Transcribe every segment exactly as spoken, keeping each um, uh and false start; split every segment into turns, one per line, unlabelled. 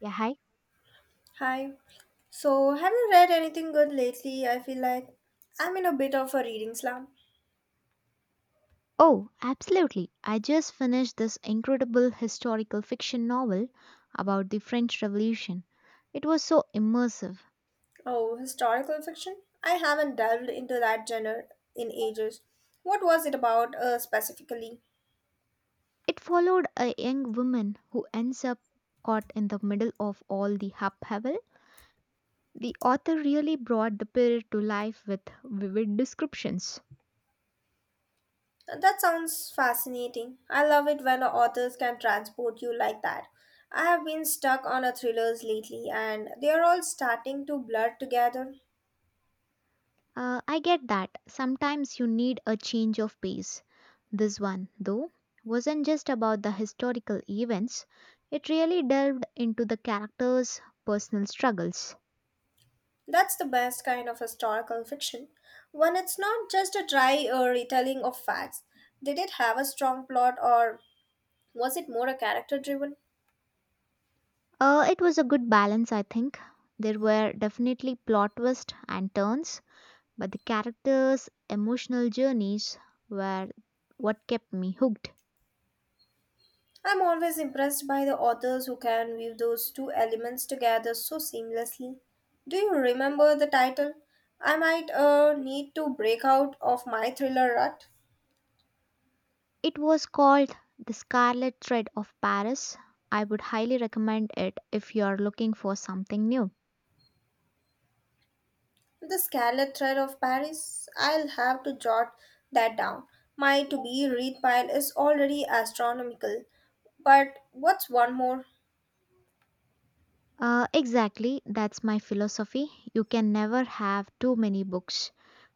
Yeah, hi.
Hi. So, have you read anything good lately? I feel like I'm in a bit of a reading slump.
Oh, absolutely. I just finished this incredible historical fiction novel about the French Revolution. It was so immersive.
Oh, historical fiction? I haven't delved into that genre in ages. What was it about, uh, specifically?
It followed a young woman who ends up caught in the middle of all the upheaval. The author really brought the period to life with vivid descriptions.
That sounds fascinating. I love it when authors can transport you like that. I have been stuck on a thrillers lately and they are all starting to blur together.
Uh, I get that. Sometimes you need a change of pace. This one, though, wasn't just about the historical events, it really delved into the characters' personal struggles.
That's the best kind of historical fiction, when it's not just a dry uh, retelling of facts. Did it have a strong plot or was it more a character driven?
Uh, it was a good balance, I think. There were definitely plot twists and turns, but the characters' emotional journeys were what kept me hooked.
I'm always impressed by the authors who can weave those two elements together so seamlessly. Do you remember the title? I might uh, need to break out of my thriller rut.
It was called The Scarlet Thread of Paris. I would highly recommend it if you are looking for something new.
The Scarlet Thread of Paris? I'll have to jot that down. My to be read pile is already astronomical. But what's one more?
Uh, exactly, that's my philosophy. You can never have too many books.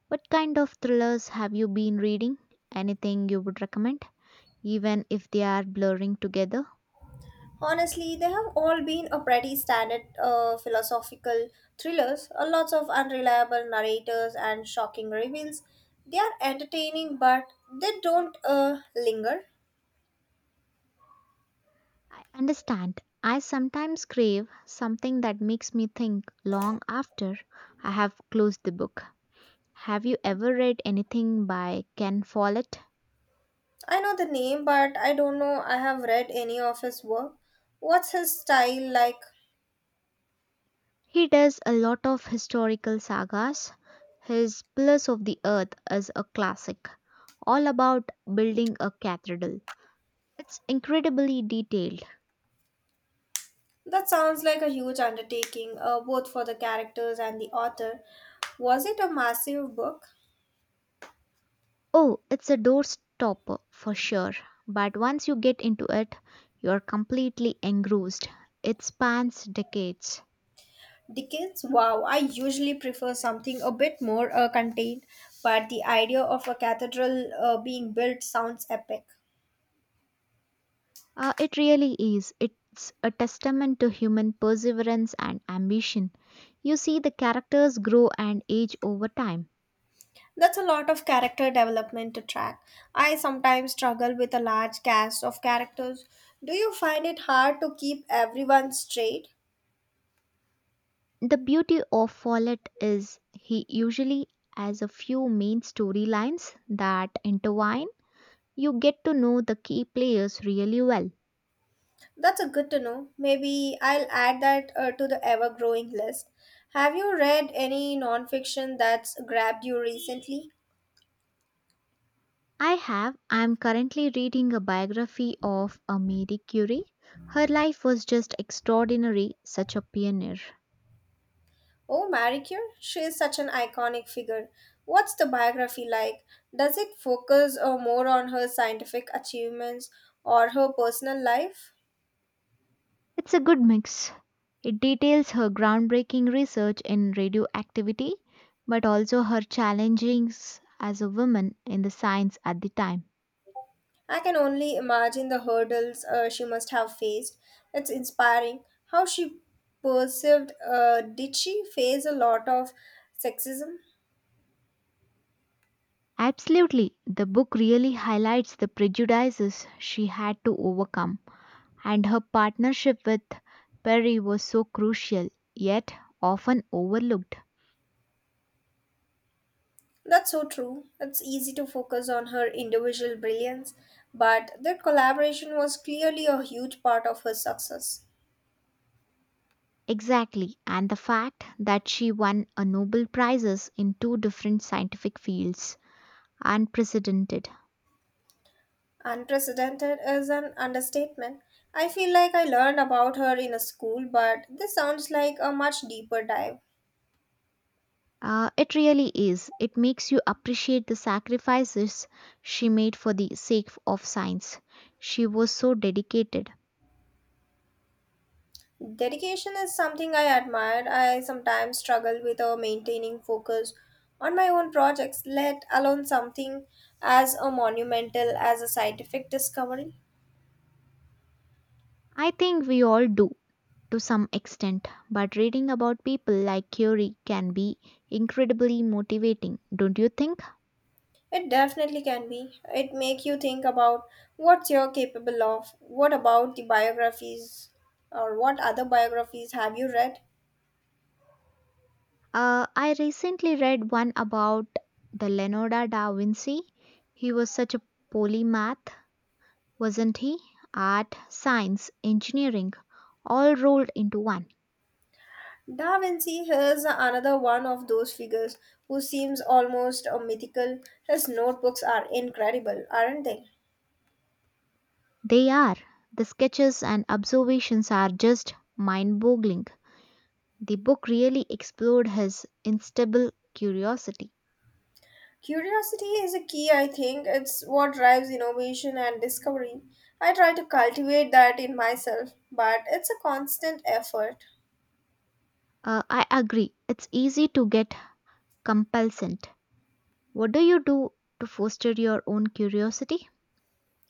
What kind of thrillers have you been reading? Anything you would recommend, even if they are blurring together?
Honestly, they have all been a pretty standard uh, philosophical thrillers, uh, lots of unreliable narrators and shocking reveals. They are entertaining, but they don't uh, linger.
I understand. I sometimes crave something that makes me think long after I have closed the book. Have you ever read anything by Ken Follett?
I know the name, but I don't know I have read any of his work. What's his style like?
He does a lot of historical sagas. His Pillars of the Earth is a classic, all about building a cathedral. It's incredibly detailed.
That sounds like a huge undertaking, uh, both for the characters and the author. Was it a massive book?
Oh, it's a doorstopper for sure, but once you get into it, you're completely engrossed. It spans decades.
Dickens? Wow, I usually prefer something a bit more uh, contained, but the idea of a cathedral uh, being built sounds epic.
Uh, it really is. It's a testament to human perseverance and ambition. You see the characters grow and age over time.
That's a lot of character development to track. I sometimes struggle with a large cast of characters. Do you find it hard to keep everyone straight?
The beauty of Follett is he usually has a few main storylines that intertwine. You get to know the key players really well.
That's a good to know. Maybe I'll add that, uh, to the ever growing list. Have you read any nonfiction that's grabbed you recently?
I have. I am currently reading a biography of a Marie Curie. Her life was just extraordinary, such a pioneer.
Oh, Marie Curie? She is such an iconic figure. What's the biography like? Does it focus, uh, more on her scientific achievements or her personal life?
It's a good mix. It details her groundbreaking research in radioactivity, but also her challenges as a woman in the science at the time.
I can only imagine the hurdles uh, she must have faced. It's inspiring how she perceived. Uh, did she face a lot of sexism?
Absolutely, the book really highlights the prejudices she had to overcome, and her partnership with Perry was so crucial, yet often overlooked.
That's so true. It's easy to focus on her individual brilliance, but their collaboration was clearly a huge part of her success.
Exactly, and the fact that she won a Nobel Prizes in two different scientific fields, unprecedented.
Unprecedented is an understatement. I feel like I learned about her in a school, but this sounds like a much deeper dive.
Uh, it really is. It makes you appreciate the sacrifices she made for the sake of science. She was so dedicated.
Dedication is something I admire. I sometimes struggle with uh, maintaining focus on my own projects, let alone something as a monumental as a scientific discovery.
I think we all do to some extent, but reading about people like Curie can be incredibly motivating, don't you think?
It definitely can be. It make you think about what you're capable of. What about the biographies or what other biographies have you read?
Uh, I recently read one about the Leonardo da Vinci. He was such a polymath, wasn't he? Art, science, engineering, all rolled into one.
Da Vinci is another one of those figures who seems almost a mythical. His notebooks are incredible, aren't they?
They are. The sketches and observations are just mind boggling. The book really explored his instable curiosity.
Curiosity is a key, I think. It's what drives innovation and discovery. I try to cultivate that in myself, but it's a constant effort.
Uh, I agree, it's easy to get complacent. What do you do to foster your own curiosity?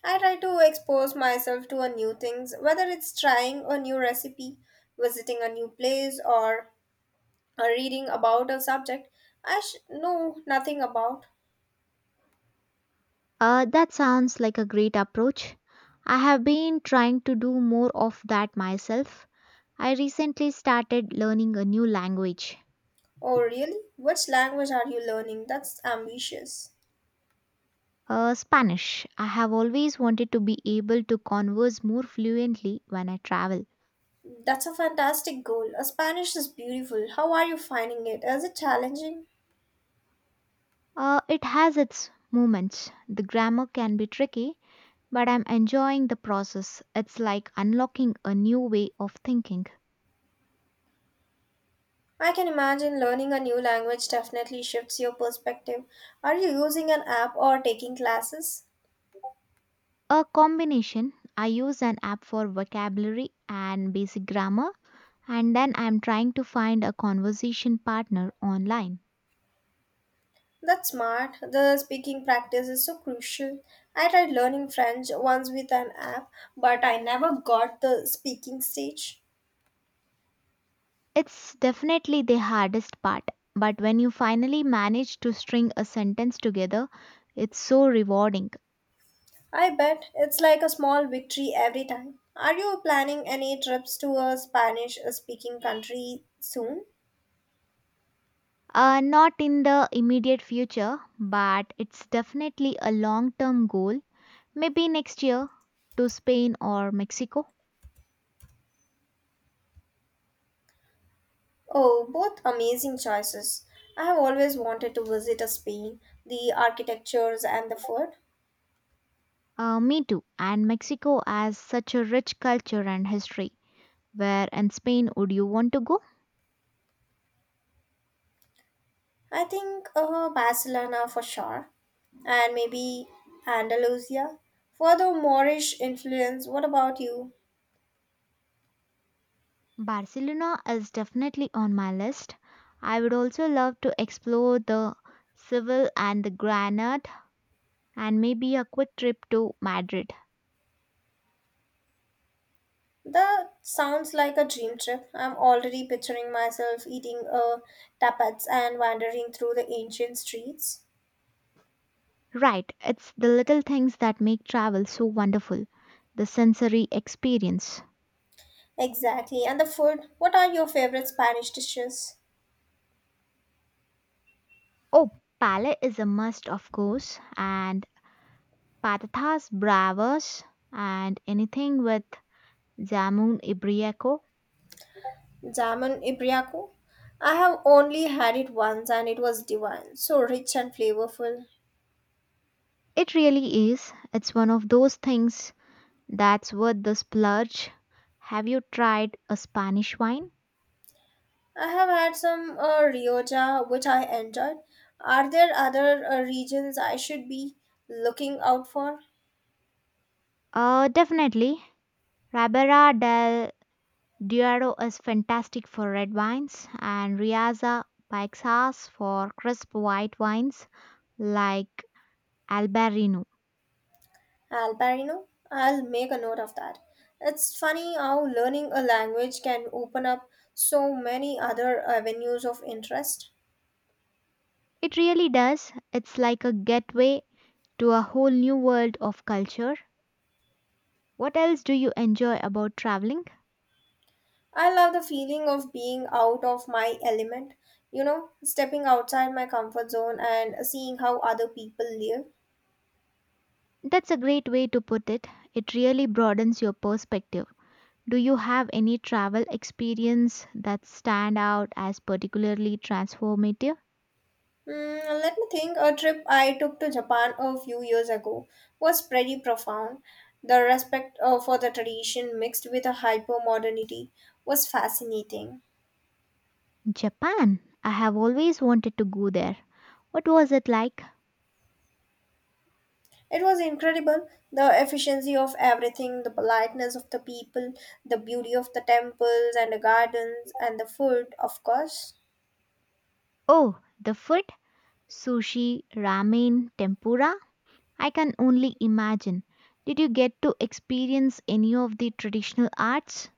I try to expose myself to a new things, whether it's trying a new recipe, visiting a new place, or uh, reading about a subject I sh- know nothing about.
Uh, that sounds like a great approach. I have been trying to do more of that myself. I recently started learning a new language,
Oh, really? Which language are you learning? That's ambitious.
uh, Spanish. I have always wanted to be able to converse more fluently when I travel.
That's a fantastic goal. Uh, Spanish is beautiful. How are you finding it? Is it challenging?
Uh, it has its moments. The grammar can be tricky, but I'm enjoying the process. It's like unlocking a new way of thinking.
I can imagine learning a new language definitely shifts your perspective. Are you using an app or taking classes?
A combination. I use an app for vocabulary and basic grammar, and then I'm trying to find a conversation partner online.
That's smart. The speaking practice is so crucial. I tried learning French once with an app, but I never got the speaking stage.
It's definitely the hardest part, but when you finally manage to string a sentence together, it's so rewarding.
I bet it's like a small victory every time. Are you planning any trips to a Spanish speaking country soon?
Uh, not in the immediate future, but it's definitely a long term goal. Maybe next year to Spain or Mexico.
Oh, both amazing choices. I have always wanted to visit a Spain, the architectures and the food.
Uh, me too. And Mexico has such a rich culture and history. Where in Spain would you want to go?
I think uh, Barcelona for sure, and maybe Andalusia for the Moorish influence. What about you?
Barcelona is definitely on my list. I would also love to explore the Seville and the Granada and maybe a quick trip to Madrid.
That sounds like a dream trip. I'm already picturing myself eating uh, tapas and wandering through the ancient streets.
Right, it's the little things that make travel so wonderful, the sensory experience.
Exactly. And the food? What are your favorite Spanish dishes?
Oh, Palais is a must, of course, and patatas bravas and anything with jamon ibérico.
Jamon Ibriaco. I have only had it once and it was divine, so rich and flavorful.
It really is. It's one of those things that's worth the splurge. Have you tried a Spanish wine?
I have had some uh, Rioja, which I enjoyed. Are there other uh, regions I should be looking out for?
Uh, definitely. Ribera del Duero is fantastic for red wines, and Riaza by Xas for crisp white wines like Albarino.
Albarino? I'll make a note of that. It's funny how learning a language can open up so many other avenues of interest.
It really does. It's like a gateway to a whole new world of culture. What else do you enjoy about traveling?
I love the feeling of being out of my element, you know, stepping outside my comfort zone and seeing how other people live.
That's a great way to put it. It really broadens your perspective. Do you have any travel experience that stand out as particularly transformative?
Mm, let me think. A trip I took to Japan a few years ago was pretty profound. The respect uh, for the tradition mixed with a hyper modernity was fascinating.
Japan. I have always wanted to go there. What was it like?
It was incredible the efficiency of everything, the politeness of the people, the beauty of the temples and the gardens, and the food, of course.
Oh, the food, sushi, ramen, tempura. I can only imagine. Did you get to experience any of the traditional arts?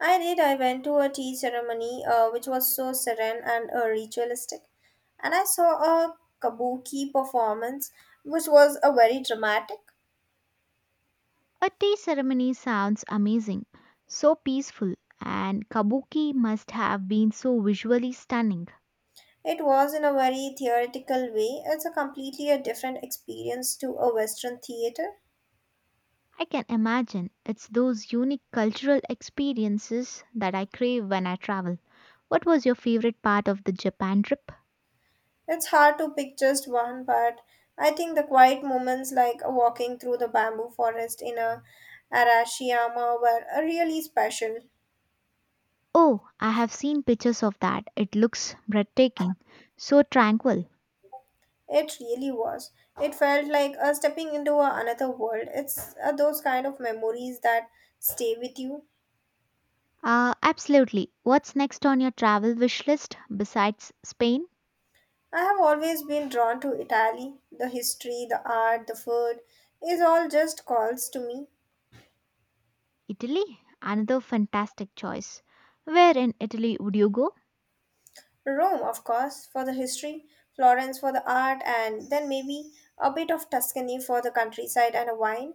I did. I went to a tea ceremony uh, which was so serene and uh, ritualistic. And I saw a kabuki performance which was a very dramatic.
A tea ceremony sounds amazing, so peaceful, and kabuki must have been so visually stunning.
It was in a very theoretical way. It's a completely a different experience to a western theater.
I can imagine it's those unique cultural experiences that I crave when I travel. What was your favorite part of the Japan trip?
It's hard to pick just one, but I think the quiet moments like walking through the bamboo forest in a Arashiyama were uh, really special.
Oh, I have seen pictures of that. It looks breathtaking. So tranquil.
It really was. It felt like uh, stepping into a, another world. It's uh, those kind of memories that stay with you.
Uh, absolutely. What's next on your travel wish list besides Spain?
I have always been drawn to Italy. The history, the art, the food is all just calls to me.
Italy? Another fantastic choice. Where in Italy would you go?
Rome, of course, for the history, Florence for the art, and then maybe a bit of Tuscany for the countryside and a wine.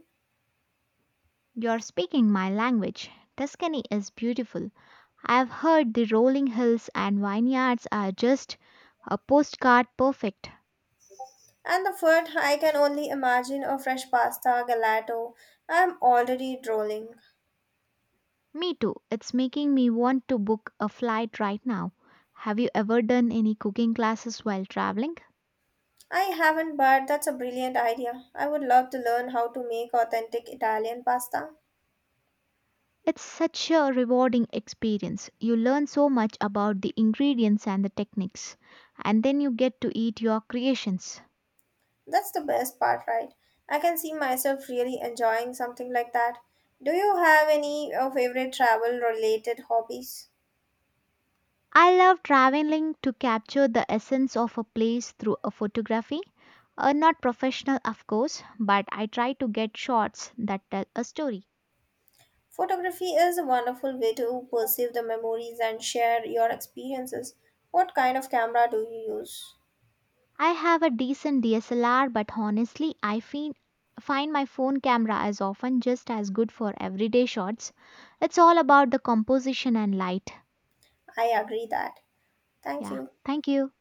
You're speaking my language. Tuscany is beautiful. I've heard the rolling hills and vineyards are just a postcard perfect.
And the food, I can only imagine a fresh pasta, gelato. I'm already drooling.
Me too. It's making me want to book a flight right now. Have you ever done any cooking classes while traveling?
I haven't, but that's a brilliant idea. I would love to learn how to make authentic Italian pasta.
It's such a rewarding experience. You learn so much about the ingredients and the techniques, and then you get to eat your creations.
That's the best part, right? I can see myself really enjoying something like that. Do you have any uh, favorite travel related hobbies?
I love traveling to capture the essence of a place through a photography. Uh, not professional, of course, but I try to get shots that tell a story.
Photography is a wonderful way to perceive the memories and share your experiences. What kind of camera do you use?
I have a decent D S L R, but honestly, I feel, find my phone camera is often just as good for everyday shots. It's all about the composition and light.
I agree that. Thank
Yeah,
you.
thank you.